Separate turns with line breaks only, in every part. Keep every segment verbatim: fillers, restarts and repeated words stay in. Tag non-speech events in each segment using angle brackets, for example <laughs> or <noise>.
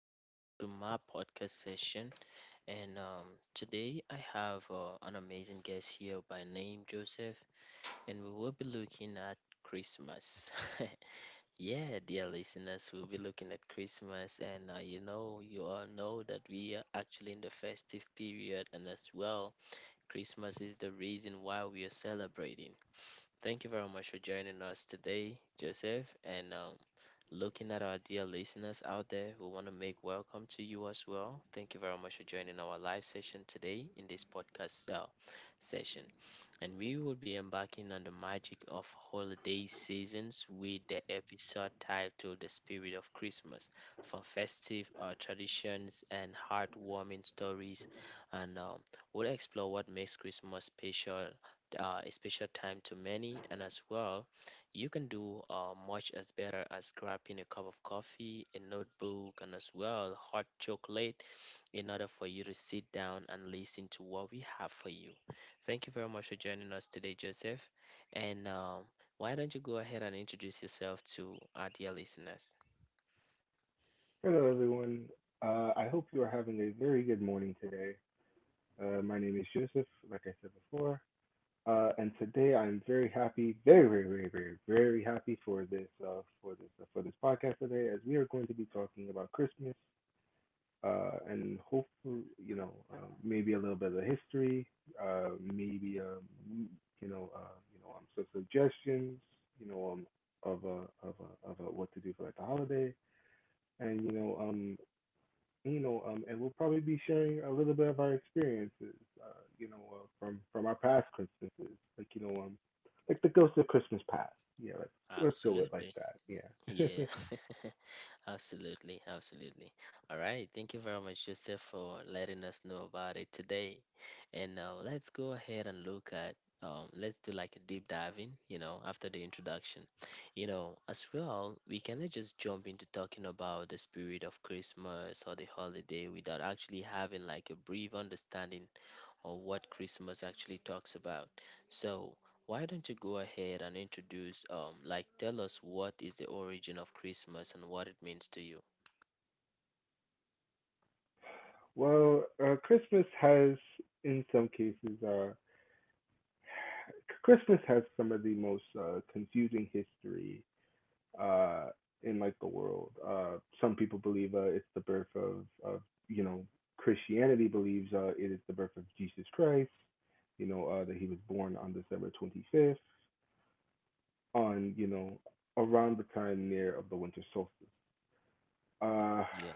Welcome to my podcast session. And um, Today I have uh, an amazing guest here by name Joseph, and we will be looking at Christmas. <laughs> Yeah, dear listeners, we'll be looking at Christmas, and uh, you know, you all know that we are actually in the festive period, and as well, Christmas is the reason why we are celebrating. Thank you very much for joining us today, Joseph, and um, looking at our dear listeners out there, we want to make welcome to you as well. Thank you very much for joining our live session today in this podcast uh, session and we will be embarking on the magic of holiday seasons with the episode titled The Spirit of Christmas, from festive uh, traditions and heartwarming stories. And um, We'll explore what makes Christmas special. Uh, a special time to many, and as well, you can do uh, much as better as grabbing a cup of coffee, a notebook, and as well, hot chocolate in order for you to sit down and listen to what we have for you. Thank you very much for joining us today, Joseph. And um, Why don't you go ahead and introduce yourself to our dear listeners?
Hello, everyone. Uh, I hope you are having a very good morning today. Uh, my name is Joseph, like I said before, uh, and today I'm very happy, very, very, very, very, very happy for this, uh, for this, uh, for this podcast today, as we are going to be talking about Christmas, uh, and hopefully, you know, uh, maybe a little bit of history, uh, maybe, um, you know, uh, you know, um, some suggestions, you know, um, of uh, of uh, of uh, what to do for like the holiday and you know um you know, um, and we'll probably be sharing a little bit of our experiences, uh, you know, uh, from from our past Christmases, like you know, um, like the ghost of Christmas past. Yeah, let's let's go with like
Absolutely.
that. Yeah.
Yeah. <laughs> Absolutely, absolutely. All right, thank you very much, Joseph, for letting us know about it today. And now let's go ahead and look at um, let's do like a deep diving, you know, after the introduction. You know, as well, we cannot just jump into talking about the the spirit of Christmas or the holiday without actually having like a brief understanding or what Christmas actually talks about. So, why don't you go ahead and introduce, um, like, tell us what is the origin of Christmas and what it means to you?
<laughs> Well, uh, Christmas has, in some cases, uh, Christmas has some of the most uh, confusing history uh in like the world. Uh some people believe uh it's the birth of of you know, Christianity believes uh it is the birth of Jesus Christ, you know, uh that he was born on December twenty-fifth on, you know, around the time near of the winter solstice. Uh,
Yeah.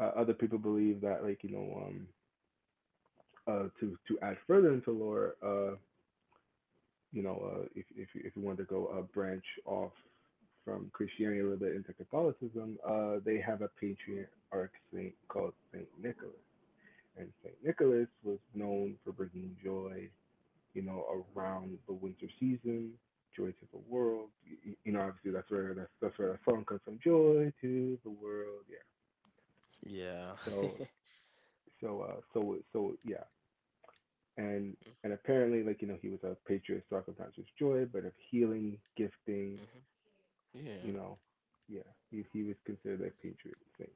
uh Other people believe that, like, you know, um uh to to add further into lore, uh you know, uh, if if if you wanted to go uh, branch off from Christianity a little bit into Catholicism, uh, they have a patriarch saint called Saint Nicholas, and Saint Nicholas was known for bringing joy, you know, around the winter season, joy to the world. Y- You know, obviously that's where that's that's where the song comes from, joy to the world. Yeah.
Yeah.
So
<laughs>
so uh so so yeah, and and apparently like you know he was a patriarch, so oftentimes joy, but of healing, gifting,
Mm-hmm. Yeah.
you know, yeah, he he was considered a Patriot saint.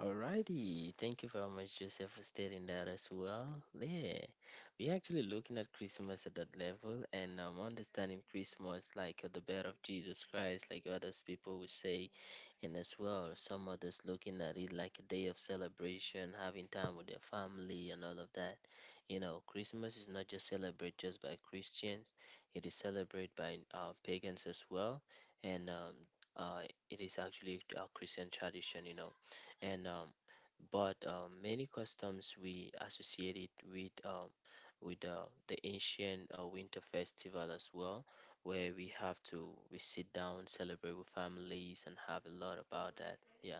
Alrighty. Thank you very much, Joseph, for stating that as well. Yeah. We're actually looking at Christmas at that level and um, understanding Christmas like uh, the birth of Jesus Christ, like others people would say. And as well, some others looking at it like a day of celebration, having time with their family and all of that. You know, Christmas is not just celebrated just by Christians, it is celebrated by uh, pagans as well. And um, uh, it is actually a Christian tradition, you know. And um, but um, Many customs we associate it with um, with uh, the ancient uh, winter festival as well where we have to we sit down, celebrate with families, and have a lot about that. Yeah.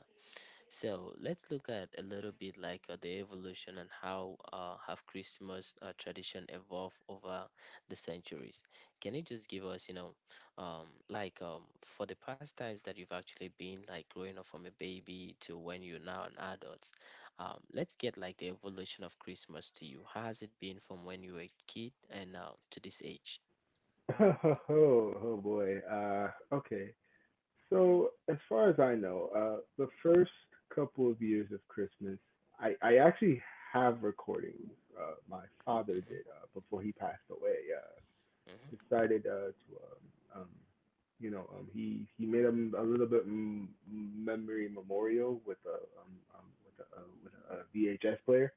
So let's look at a little bit like uh, the evolution and how uh, have Christmas uh, tradition evolved over the centuries. Can you just give us, you know, um, like um, for the past times that you've actually been like growing up from a baby to when you're now an adult? Um, let's get like the evolution of Christmas to you. How has it been from when you were a kid and now to this age?
<laughs> Oh, oh, oh boy. Uh, okay. So as far as I know, uh, the first couple of years of Christmas, I I actually have recordings. Uh, my father
Hmm.
did, uh, before he passed away. Uh,
Hmm.
decided uh, to um, um, you know, um, he he made a a little bit m- memory memorial with a um, um with a uh, with a, a V H S player.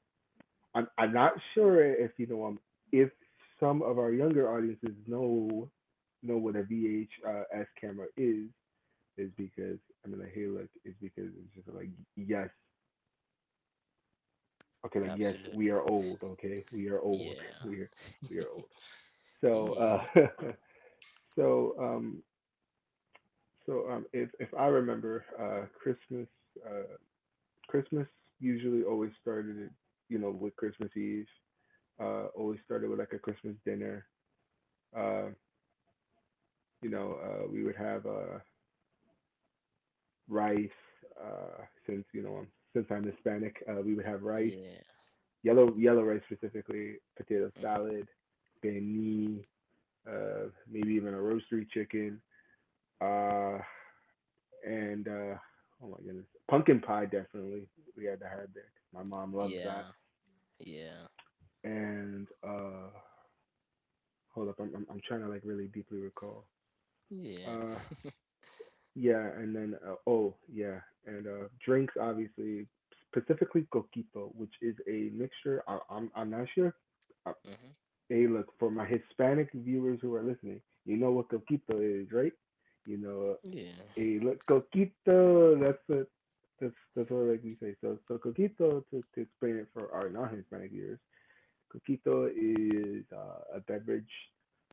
I'm I'm not sure if you know, um, if some of our younger audiences know know what a V H S camera is is because, I mean, like, hey, look, is because it's just like, yes. Okay, like, yes,
Absolute.
we are old. Okay, we are old. <laughs>
Yeah.
we are we are old,
<laughs>
so
Yeah.
uh <laughs> so um so um if if I remember, uh Christmas, uh Christmas usually always started, you know, with Christmas Eve, uh always started with like a Christmas dinner uh. You know, uh, we would have, uh, rice. Uh, since you know, I'm, since I'm Hispanic, uh, we would have rice,
Yeah.
yellow yellow rice specifically, potato
Hmm.
salad, banh mi, uh, maybe even a roastery chicken, uh, and uh, oh my goodness, pumpkin pie definitely we had to have that. My mom loves that.
Yeah. Yeah.
And uh, hold up, I'm I'm, I'm trying to like really deeply recall.
Yeah.
Uh, Yeah, and then uh, oh yeah, and uh, drinks obviously, specifically coquito, which is a mixture. I, I'm I'm not sure. Uh,
Hmm.
Hey, look, for my Hispanic viewers who are listening, you know what coquito is, right? You know,
Yeah.
hey, look, coquito. That's what that's that's what I like to say. So so coquito, to to explain it for our non-Hispanic viewers, coquito is uh, a beverage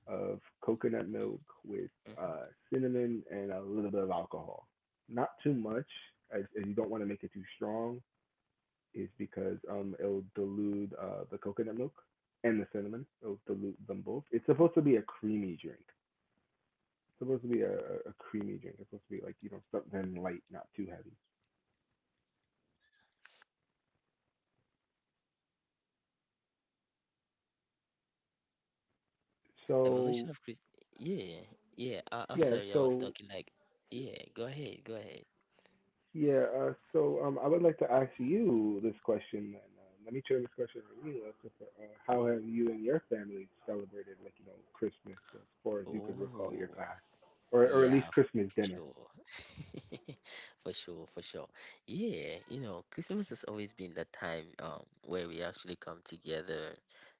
of coconut milk with uh,
Hmm.
cinnamon and a little bit of alcohol. Not too much, as, as you don't want to make it too strong, is because um, it'll dilute uh, the coconut milk and the cinnamon. It'll dilute them both. It's supposed to be a creamy drink. It's supposed to be a, a a creamy drink. It's supposed to be like, you know, something light, not too heavy.
Evolution
So,
of Christ. Yeah. Yeah. I- I'm
yeah,
sorry. I was
so
talking like. Yeah. Go ahead. Go ahead.
yeah, uh, so um, I would like to ask you this question, and uh, let me turn this question on you. As to, uh, how have you and your family celebrated, like you know, Christmas as far as you could recall your
Oh.
past, or or at least
Yeah, for
Christmas
sure.
dinner?
<laughs> For sure, for sure. Yeah, you know, Christmas has always been the time um where we actually come together,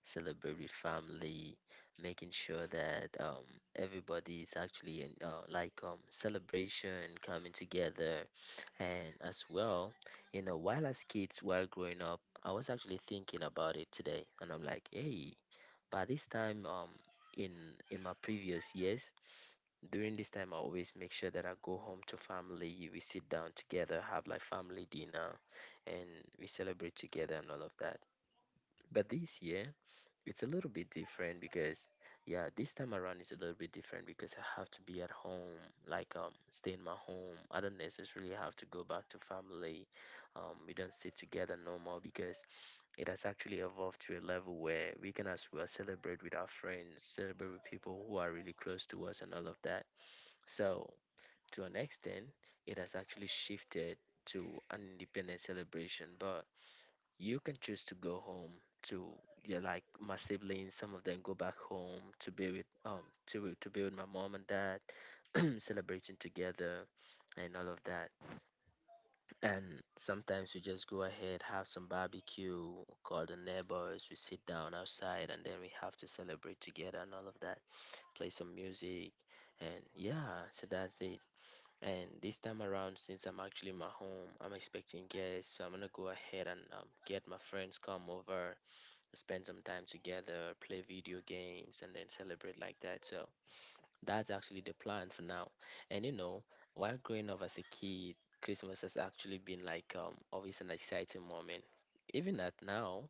celebrate with family, making sure that um everybody is actually in uh, like um celebration coming together. And as well, you know, while as kids, while growing up, I was actually thinking about it today and I'm like, hey, by this time um in in my previous years during this time, I always make sure that I go home to family. We sit down together, have like family dinner, and we celebrate together and all of that. But this year, it's a little bit different because, yeah, this time around is a little bit different because I have to be at home, like um, stay in my home. I don't necessarily have to go back to family. Um, we don't sit together no more because it has actually evolved to a level where we can as well celebrate with our friends, celebrate with people who are really close to us, and all of that. So to an extent, it has actually shifted to an independent celebration, but you can choose to go home to yeah, like my siblings, some of them go back home to be with um to to be with my mom and dad, <clears throat> celebrating together and all of that. And sometimes we just go ahead, have some barbecue, call the neighbors, we sit down outside and then we have to celebrate together and all of that. Play some music and yeah, so that's it. And this time around, since I'm actually in my home, I'm expecting guests, so I'm gonna go ahead and um, get my friends come over, spend some time together, play video games, and then celebrate like that. So that's actually the plan for now. And you know, while growing up as a kid, Christmas has actually been like um, always an exciting moment. Even at now,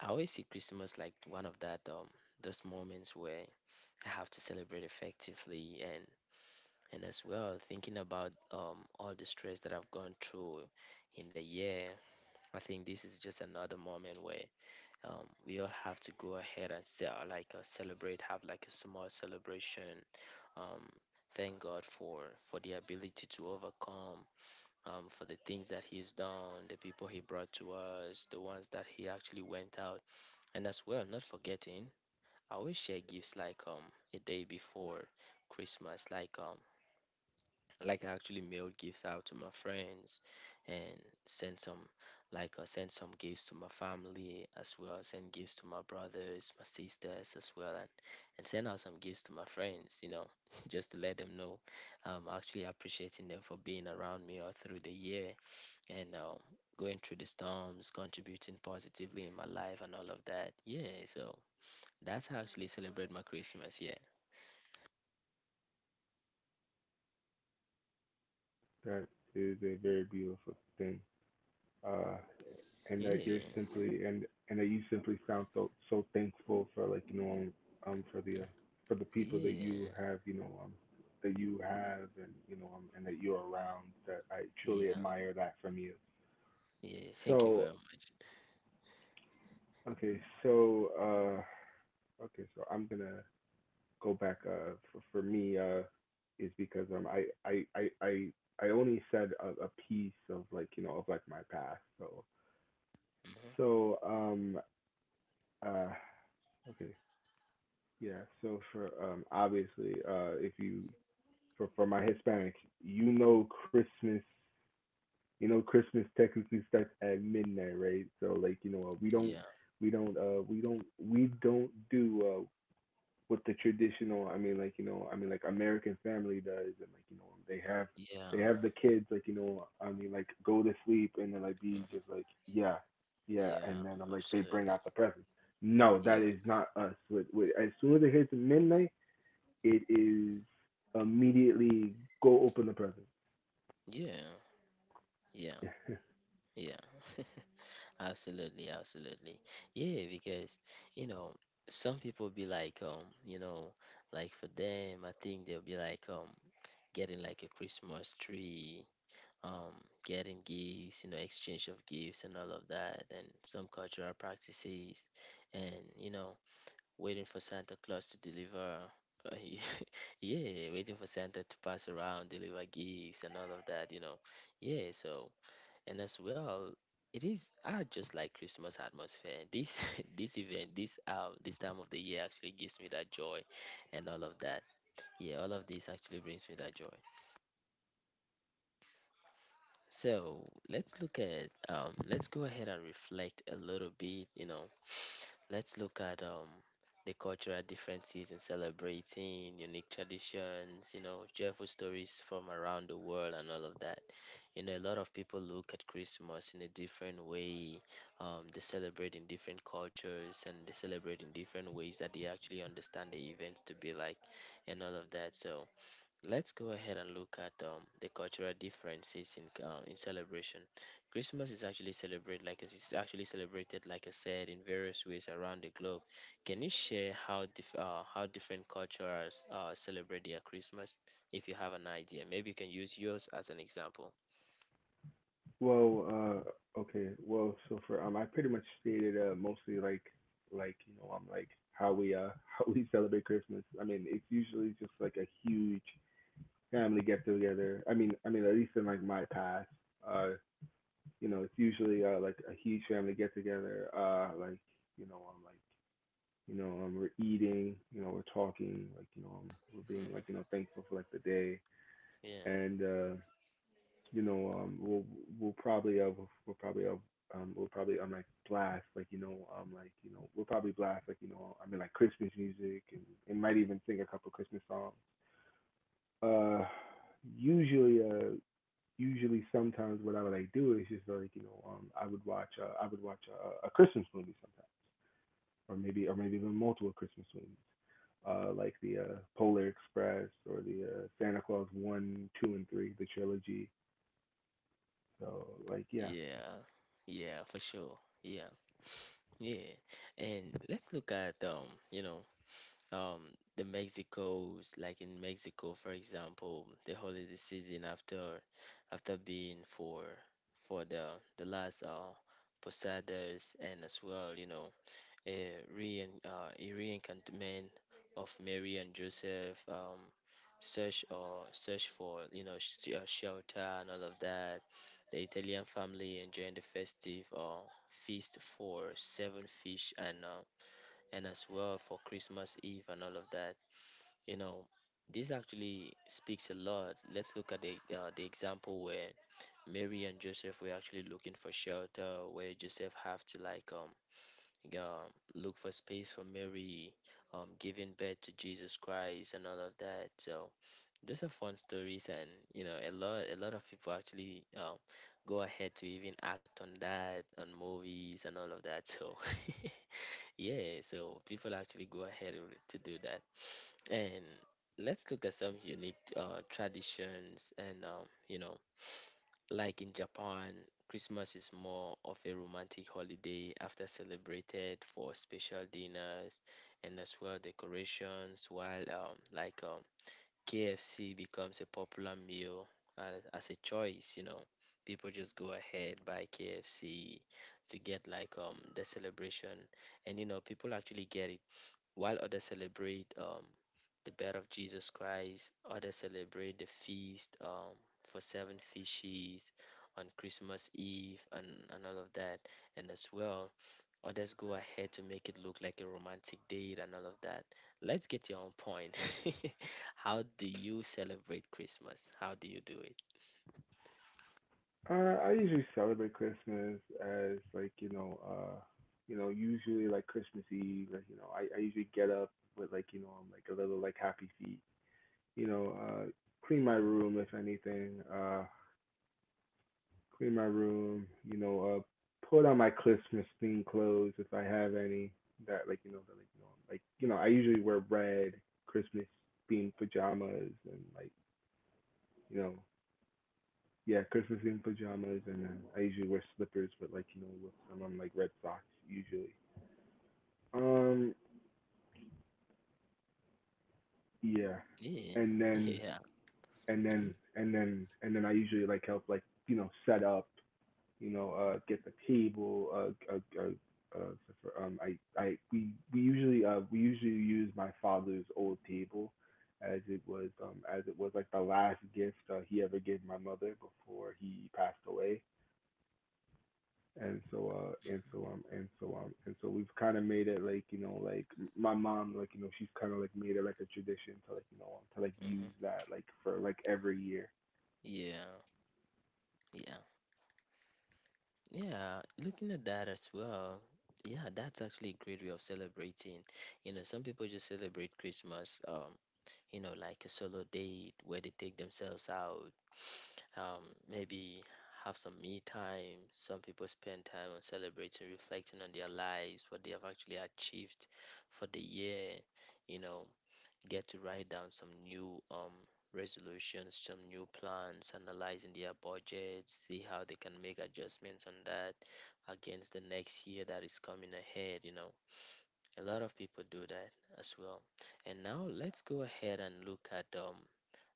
I always see Christmas like one of that um those moments where I have to celebrate effectively and and as well thinking about um, all the stress that I've gone through in the year, I think this is just another moment where um, we all have to go ahead and say, like uh, celebrate, have like a small celebration. Um, thank God for for the ability to overcome. Um, for the things that he's done, the people he brought to us, the ones that he actually went out, and as well, not forgetting, I always share gifts like um a day before Christmas, like um like I actually mailed gifts out to my friends and sent some like I sent some gifts to my family as well, I sent gifts to my brothers, my sisters as well and, and send out some gifts to my friends, you know, <laughs> just to let them know I'm actually appreciating them for being around me all through the year and um, going through the storms, contributing positively in my life and all of that. Yeah, so that's how I actually celebrate my Christmas, yeah.
That is a very beautiful thing, uh, and that you're
Yeah.
simply and and that you simply sound so so thankful for, like you know, um for the
Mm.
uh, for the people that
Yeah.
you have, you know, um that you have and you know, um, and that you're around. That I truly
Yeah.
admire that from you.
Yeah, thank you very
So
much.
okay, so uh, okay, so I'm gonna go back. Uh, for, for me, uh, is because um, I I I I I only said a, a piece of like you know of like my past. So
Hmm.
so um uh okay yeah. So for um obviously uh if you, for for my Hispanics, you know Christmas. You know, Christmas technically starts at midnight, right? So, like, you know, we don't
Yeah,
we don't uh we don't we don't do uh, what the traditional, I mean like you know, I mean like American family does, and like you know they have they
yeah,
have the kids, like you know I mean like, go to sleep and then like be
hmm,
just like yeah yeah and
yeah,
then I'm like they bring
absolutely.
out the presents. No,
Yeah,
that is not us. with, with, as soon as it hits midnight, it is immediately go open the present.
yeah, yeah,
<laughs>
yeah, absolutely, absolutely. Yeah, because, you know, some people be like, um, you know, like for them, I think they'll be like, um, getting like a Christmas tree, um, getting gifts, you know, exchange of gifts and all of that, and some cultural practices, and, you know, waiting for Santa Claus to deliver. Uh, <laughs> yeah, waiting for Santa to pass around, deliver gifts, and all of that, you know. Yeah, so, and as well, it is are just like Christmas atmosphere. This <laughs> this event, this um, this time of the year actually gives me that joy, and all of that. Yeah, all of this actually brings me that joy. So let's look at um, let's go ahead and reflect a little bit. You know, <sniffs> <sighs> let's look at um, the cultural differences in celebrating unique traditions. You know, joyful stories from around the world and all of that. You know, a lot of people look at Christmas in a different way. Um, they celebrate in different cultures and they celebrate in different ways that they actually understand the event to be like, and all of that. So let's go ahead and look at um, the cultural differences in uh, in celebration. Christmas is actually celebrated like it's actually celebrated like I said in various ways around the globe. Can you share how dif- uh, how different cultures uh, celebrate their Christmas? If you have an idea, maybe you can use yours as an example.
Well, uh, okay. Well, so for um, I pretty much stated, uh, mostly like like you know I'm like, how we uh <laughs> how we celebrate Christmas. I mean, it's usually just like a huge family get together. I mean, I mean at least in like my past, uh, you know, it's usually uh like a huge family get together. Uh, like you know I'm like you know um we're eating, you know we're talking, like you know um, we're being like you
Hmm.
know thankful for like the day
Yeah.
and uh you know, um, we'll we'll probably uh, we'll, we'll probably uh, um, we'll probably um, like blast, like you know um, like you know, we'll probably blast like you know, I mean like, Christmas music, and, and might even sing a couple Christmas songs. Uh, usually uh Usually sometimes what I would like do is just like you know um, I would watch uh, I would watch a, a Christmas movie sometimes or maybe or maybe even multiple Christmas movies. Uh, like the uh, Polar Express or the uh, Santa Claus one, two, and three, the trilogy. So like yeah,
Yeah, yeah, for sure. Yeah, yeah. And let's look at um, you know, um the Mexico's like in Mexico, for example, the holiday season after after being for for the the last uh posadas and as well, you know, a re uh, a reencantment of Mary and Joseph, um, search or search for you know sh- uh, shelter and all of that. The Italian family enjoying the festive uh, feast for seven fish and uh, and as well for Christmas Eve and all of that. You know, this actually speaks a lot. Let's look at the uh, the example where Mary and Joseph were actually looking for shelter, where Joseph have to like um um look for space for Mary, um giving birth to Jesus Christ and all of that. So those are fun stories, and you know a lot a lot of people actually um go ahead to even act on that on movies and all of that. So <laughs> Yeah, so people actually go ahead and- to do that. And let's look at some unique uh, traditions. And, um, you know, like in Japan, Christmas is more of a romantic holiday after celebrated for special dinners and as well decorations, while um, like um, K F C becomes a popular meal as, as a choice, you know. People just go ahead buy K F C to get like um the celebration, and you know people actually get it, while others celebrate um, the birth of Jesus Christ. Others celebrate the feast um, for seven fishes on Christmas Eve and, and all of that. And as well, others go ahead to make it look like a romantic date and all of that. Let's get your own point. <laughs> How do you celebrate Christmas? How do you do it?
Uh, I usually celebrate Christmas as, like, you know, uh, you know, usually like Christmas Eve, like, you know, I, I usually get up with, like, you know, I'm like a little like happy feet, you know, uh, clean my room if anything, uh, clean my room, you know, uh, put on my Christmas themed clothes if I have any that like, you know, that like, you know, like, you know, I usually wear red Christmas themed pajamas, and like, you know, yeah, Christmas in pajamas, and then I usually wear slippers, but like you know, with some on like red socks usually. Um, yeah,
Yeah,
and
<laughs>
then
yeah,
and
hmm,
then and then and then I usually like help, like you know, set up, you know, uh, get the table, uh, uh, uh, uh so for, um, I I we we usually uh we usually use my father's old table, as it was um as it was like the last gift, uh, he ever gave my mother before he passed away. And so uh and so um and so um and so we've kind of made it like you know, like m- my mom, like you know, she's kind of like made it like a tradition to like you know, um, to like
hmm,
use that like for like every year.
yeah, yeah. Yeah, looking at that as well. Yeah, that's actually a great way of celebrating. You know, some people just celebrate Christmas, um, you know, like a solo date where they take themselves out, um, maybe have some me time. Some people spend time on celebrating, reflecting on their lives, what they have actually achieved for the year, you know, get to write down some new um resolutions, some new plans, analyzing their budgets, see how they can make adjustments on that against the next year that is coming ahead, you know. A lot of people do that as well. And now let's go ahead and look at um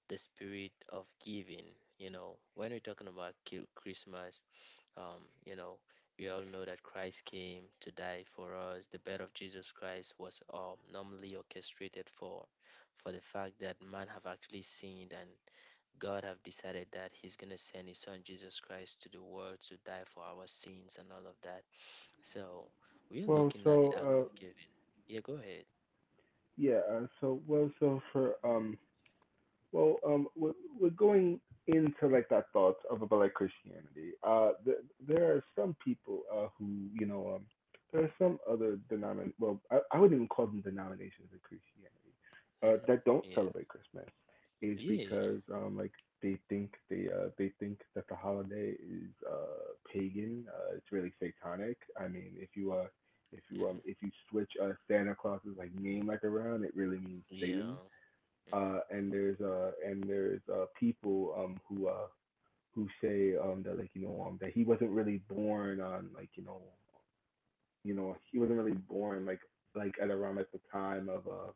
the spirit of giving. You know, when we're talking about ki- Christmas, um, you know, we all know that Christ came to die for us. The birth of Jesus Christ was um, normally orchestrated for, for the fact that man have actually sinned, and God have decided that He's gonna send His Son Jesus Christ to the world to die for our sins and all of that. So we are
well
looking at the
so
act
uh
of giving. Yeah, go ahead.
yeah, uh, so well so for um well, um, we're, we're going into like that thought of about like Christianity. Uh, th- there are some people, uh, who you know, um, there are some other denomin. Well, I, I wouldn't even call them denominations of Christianity, uh,
Hmm.
that don't
Yeah.
celebrate Christmas, is
Yeah.
because um, like they think they uh, they think that the holiday is, uh, pagan. Uh, it's really satanic. I mean, if you uh if you um
Hmm.
if you switch uh, Santa Claus's like name like around, it really means Satan.
Yeah. Mm-hmm.
Uh and there's uh and there's uh people um who uh who say um that like you know um that he wasn't really born on like you know you know he wasn't really born like like at around at the time of uh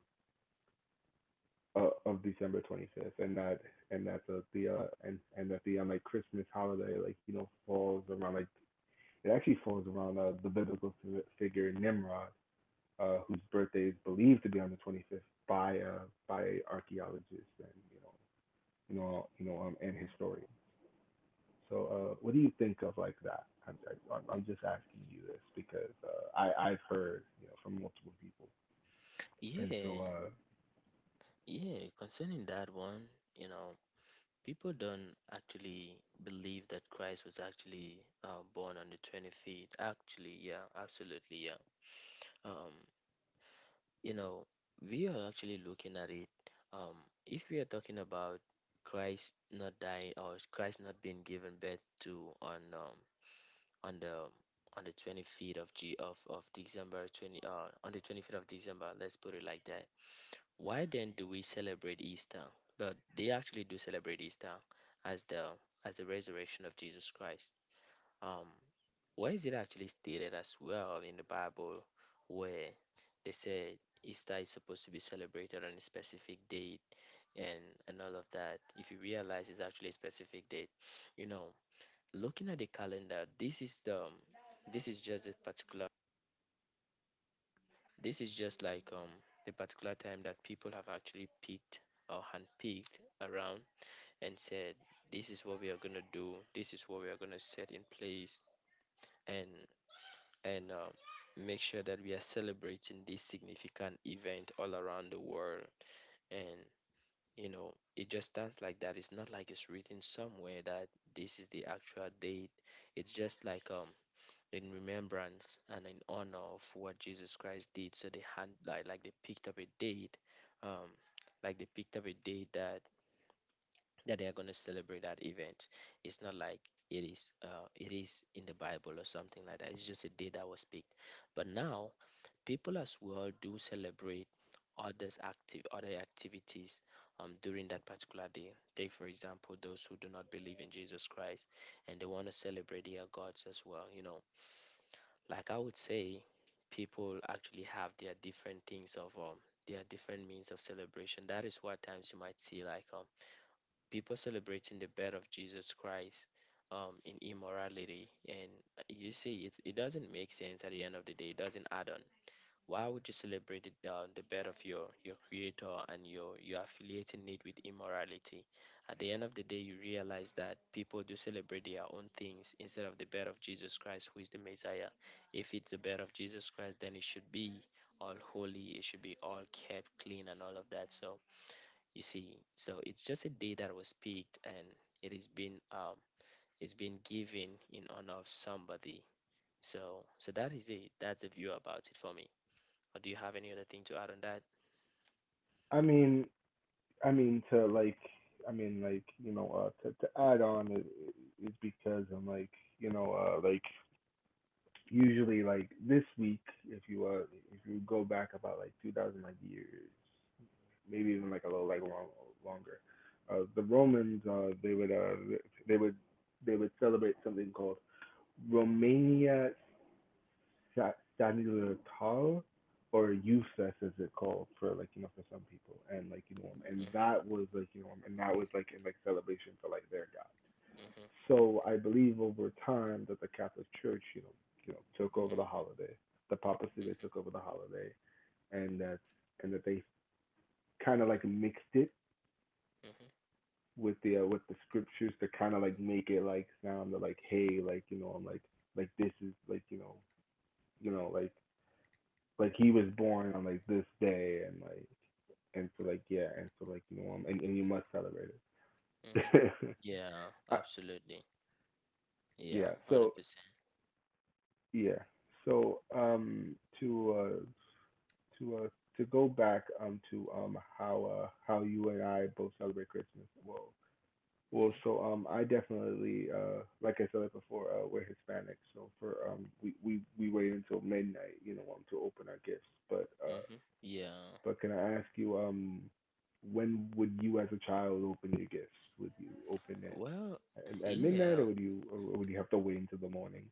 of, of December twenty-fifth, and that and that the the uh and and that the um like Christmas holiday like you know falls around like, it actually falls around uh, the biblical figure Nimrod, uh whose birthday is believed to be on the twenty-fifth by uh by archaeologists and you know you know you know um and historians. So, uh, what do you think of like that? I'm I'm I'm just asking you this because uh, I I've heard, you know, from multiple people, and
Yeah,
so, uh,
yeah, concerning that one, you know, people don't actually believe that Christ was actually uh, born on the twenty-fifth. Actually, yeah, absolutely, yeah. Um, you know, we are actually looking at it. Um, if we are talking about Christ not dying or Christ not being given birth to on um, on the on the twenty-fifth of G of, of December twenty, uh, on the twenty-fifth of December, let's put it like that, why then do we celebrate Easter? But they actually do celebrate Easter as the as the resurrection of Jesus Christ. Um, where is it actually stated as well in the Bible where they said Easter is supposed to be celebrated on a specific date and and all of that? If you realize it's actually a specific date, you know, looking at the calendar, this is the this is just a particular this is just like um, the particular time that people have actually picked or handpicked around and said, "This is what we are gonna do. This is what we are gonna set in place, and and um, make sure that we are celebrating this significant event all around the world." And you know, it just stands like that. It's not like it's written somewhere that this is the actual date. It's just like um, in remembrance and in honor of what Jesus Christ did. So they had like, like they picked up a date, um, like they picked up a date that that they are going to celebrate that event. It's not like it is uh, it is in the Bible or something like that. It's just a day that was picked. But now people as well do celebrate others active other activities um, during that particular day. Take for example those who do not believe in Jesus Christ and they want to celebrate their gods as well. You know, like I would say people actually have their different things of um their different means of celebration. That is why times you might see like um people celebrating the birth of Jesus Christ um in immorality, and you see it it doesn't make sense. At the end of the day, it doesn't add on. Why would you celebrate the, uh, the birth of your, your creator, and you you're affiliating it with immorality? At the end of the day, you realize that people do celebrate their own things instead of the birth of Jesus Christ, who is the Messiah. If it's the birth of Jesus Christ, then it should be all holy, it should be all kept clean and all of that. So, you see, so it's just a day that was picked, and it is been um, it's been given in honor of somebody. So, so that is it. That's the view about it for me. Or do you have any other thing to add on that?
I mean I mean to like I mean, like, you know, uh, to to add on is, is because I'm like, you know, uh, like usually like this week. If you uh if you go back about like two thousand like years, maybe even like a little like long, longer, uh, the Romans uh they would uh they would they would celebrate something called Romania Sa- Stanislav or useless as it called for, like, you know, for some people, and like, you know, and
Mm-hmm,
that was like you know and that was like in like celebration for like their god.
mm-hmm,
So I believe over time that the Catholic Church, you know, you know, took over the
mm-hmm,
holiday. The papacy, they
mm-hmm,
took over the holiday, and that and that they kind of like mixed it
mm-hmm,
with the uh, with the scriptures to kind of like make it like sound like, hey, like, you know, I'm like like this is like, you know, you know, like like he was born on like this day, and like and so like, yeah, and so like, you know, um, and, and you must celebrate
mm-hmm.
it.
Yeah,
<laughs> I,
absolutely. Yeah,
yeah, so
one hundred percent.
yeah, so um to uh to uh to go back um to um how uh how you and I both celebrate Christmas. Well, well
Mm-hmm,
so um I definitely, uh like I said it before, uh we're Hispanic, so for um we we we wait until midnight, you know, um to open our gifts, but uh.
mm-hmm. Yeah.
But can I ask you, um, when would you as a child open your gifts? Would you open it
Well,
at, at midnight, or
yeah,
would you, or would you have to wait until the morning?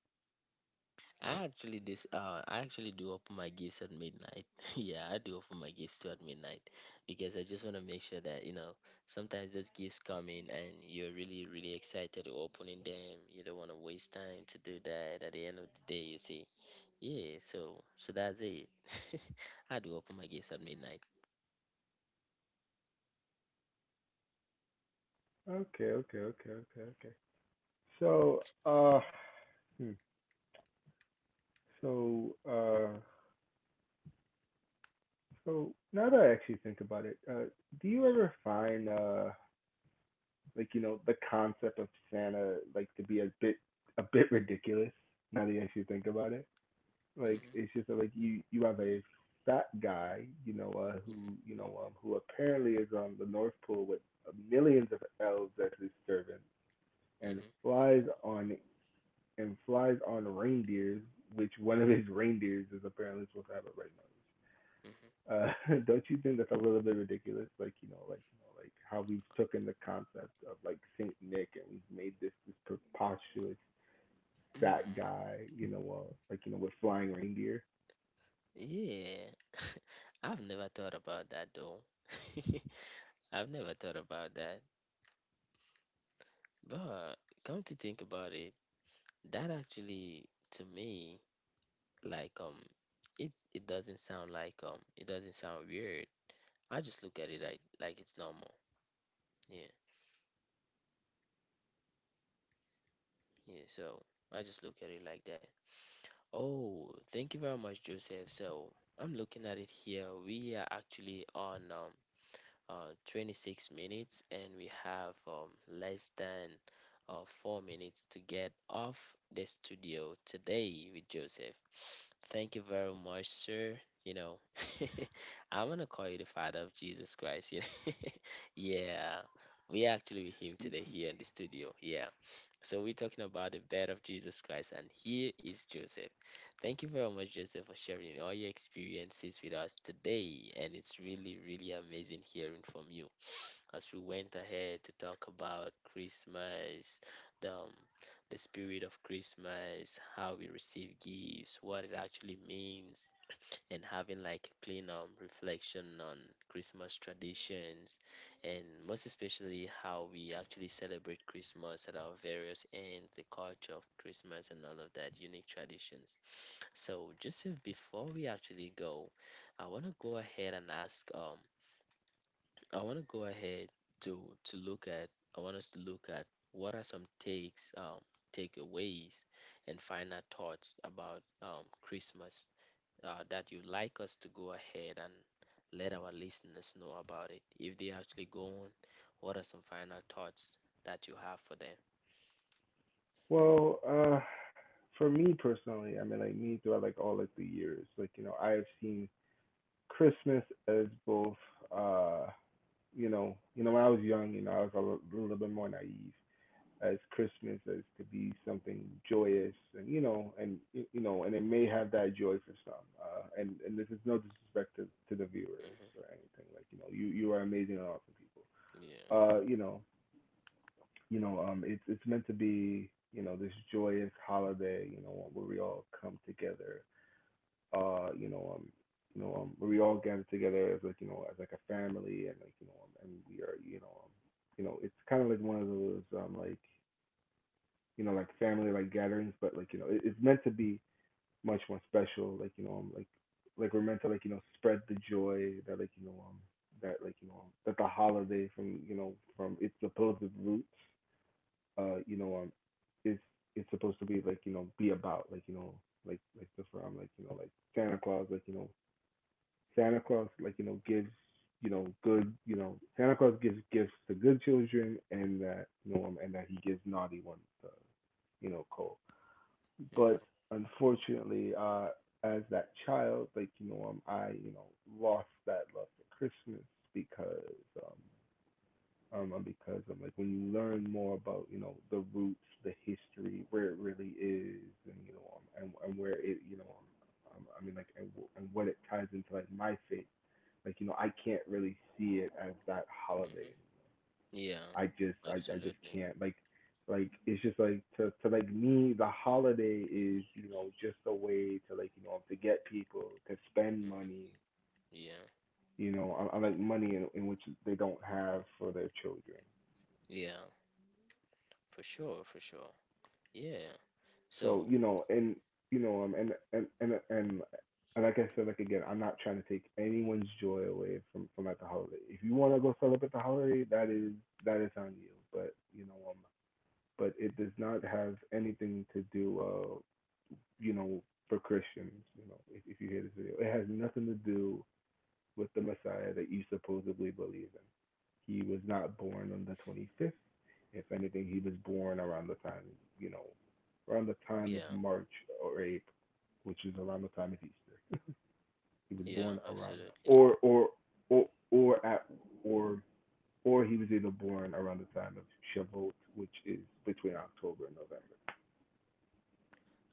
I actually this uh I actually do open my gifts at midnight. <laughs> Yeah, I do open my gifts too at midnight, because I just want to make sure that you know sometimes those gifts come in and you're really really excited to opening them. You don't want to waste time to do that at the end of the day. You see, yeah. So so that's it. <laughs> I do open my gifts at midnight.
Okay, okay, okay, okay, okay. So, uh, hmm. So, uh, so now that I actually think about it, uh, do you ever find, uh, like, you know, the concept of Santa like to be a bit, a bit ridiculous? Now that you actually think about it. Like
Mm-hmm,
it's just like you you have a fat guy, you know, uh, who,
mm-hmm,
you know, um, who apparently is on the North Pole with millions of elves as his servant, and
mm-hmm,
flies on and flies on reindeers, which one of his reindeers is apparently supposed to have a
mm-hmm.
red nose. Uh, <laughs> don't you think that's a little bit ridiculous? Like, you know, like, you know, like how we've taken the concept of like Saint Nick and we've made this this preposterous fat
Mm,
guy, you know, uh, like, you know, with flying reindeer.
yeah. <laughs> I've never thought about that though. <laughs> I've never thought about that. But come to think about it, that actually to me, like um it it doesn't sound like um it doesn't sound weird. I just look at it like like it's normal. Yeah. Yeah, so I just look at it like that. Oh, thank you very much, Joseph. So I'm looking at it here. We are actually on um uh, twenty-six minutes, and we have um, less than uh, four minutes to get off the studio today with Joseph. Thank you very much, sir. You know, <laughs> I'm gonna call you the father of Jesus Christ. You know? <laughs> Yeah, we actually with him today here in the studio. Yeah. So we're talking about the birth of Jesus Christ, and here is Joseph. Thank you very much, Joseph, for sharing all your experiences with us today. And it's really, really amazing hearing from you as we went ahead to talk about Christmas, the, um, the spirit of Christmas, how we receive gifts, what it actually means, and having like clean um, reflection on Christmas traditions, and most especially how we actually celebrate Christmas at our various ends, the culture of Christmas and all of that unique traditions. So Joseph, before we actually go, I want to go ahead and ask um I want to go ahead to to look at I want us to look at what are some takes um takeaways and final thoughts about um Christmas, uh, that you'd like us to go ahead and let our listeners know about it. If they actually go on, what are some final thoughts that you have for them?
Well, uh, for me personally, I mean, like me throughout like all of the years, like, you know, I have seen Christmas as both, uh, you know, you know, when I was young, you know, I was a li- little bit more naive as Christmas as to be something joyous, and you know, and y- you know, and it may have that joy for some, uh, and and this is no disrespect to, to the viewers or
Hmm.
anything, like, you know, you you are amazing and awesome people,
Yeah.
uh, you know, you know, um, it's it's meant to be. You know, this joyous holiday, you know, where we all come together, uh, you know, um, you know, um, we all gather together as like, you know, as like a family, and like, you know, um, and we are, you know, um, you know, it's kind of like one of those, um, like, you know, like family like gatherings, but like, you know, it, it's meant to be much more special. Like, you know, um, like, like we're meant to like, you know, spread the joy that like, you know, um, that like, you know, um, that the holiday from, you know, from its supposed roots, uh, you know, um, it's it's supposed to be like, you know, be about like, you know, like like the from like, you know, like Santa Claus, like, you know, Santa Claus, like, you know, gives, you know, good, you know, Santa Claus gives gifts to good children, and that, you know, and that he gives naughty ones, uh, you know, cold.
Hmm.
But unfortunately, uh, as that child, like, you know, um, I, you know, lost that love for Christmas because um, um, um, because um, like when you learn more about, you know, the roots, the history, where it really is, and you know, um, and and where it, you know, um, um, I mean, like, and, and what it ties into like my faith, like, you know, I can't really see it as that holiday.
Hmm. Yeah.
I just I, I just
Absolutely.
can't. Like like it's just like to to like me the holiday is, you know, just a way to like, you know, to get people to spend
Hmm.
money,
Yeah.
you know, on, on like money in, in which they don't have for their children.
Yeah. For sure. For sure. Yeah.
So,
So,
you know, and you know, um, and and and and and like I said, like again, I'm not trying to take anyone's joy away from from at the holiday. If you want to go celebrate the holiday, that is that is on you. But you know, um, but it does not have anything to do, uh, you know, for Christians. You know, if, if you hear this video, it has nothing to do with the Messiah that you supposedly believe in. He was not born on the twenty-fifth. If anything, he was born around the time, you know, around the time of
yeah.
March or April, which is around the time of Easter. <laughs> He was
Yeah.
born around that,
Absolutely.
or or or or at or or he was either born around the time of Shavuot, which is between October and November.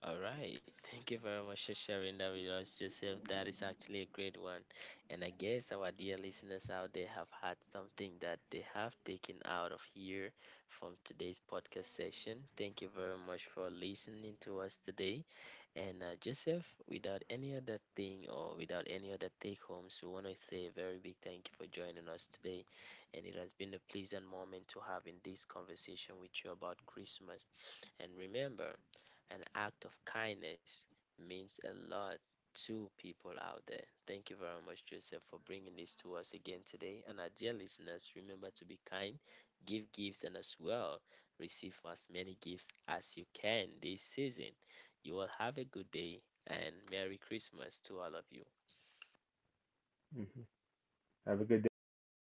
All right. Thank you very much for sharing that with us, Joseph. That is actually a great one. And I guess our dear listeners out there have had something that they have taken out of here from today's podcast session. Thank you very much for listening to us today. And uh, Joseph, without any other thing or without any other take homes, we want to say a very big thank you for joining us today. And it has been a pleasant moment to have in this conversation with you about Christmas. And remember, an act of kindness means a lot to people out there. Thank you very much, Joseph, for bringing this to us again today. And our dear listeners, remember to be kind, give gifts, and as well receive as many gifts as you can this season. You will have a good day and Merry Christmas to all of you.
Mm-hmm. Have a good day, everyone.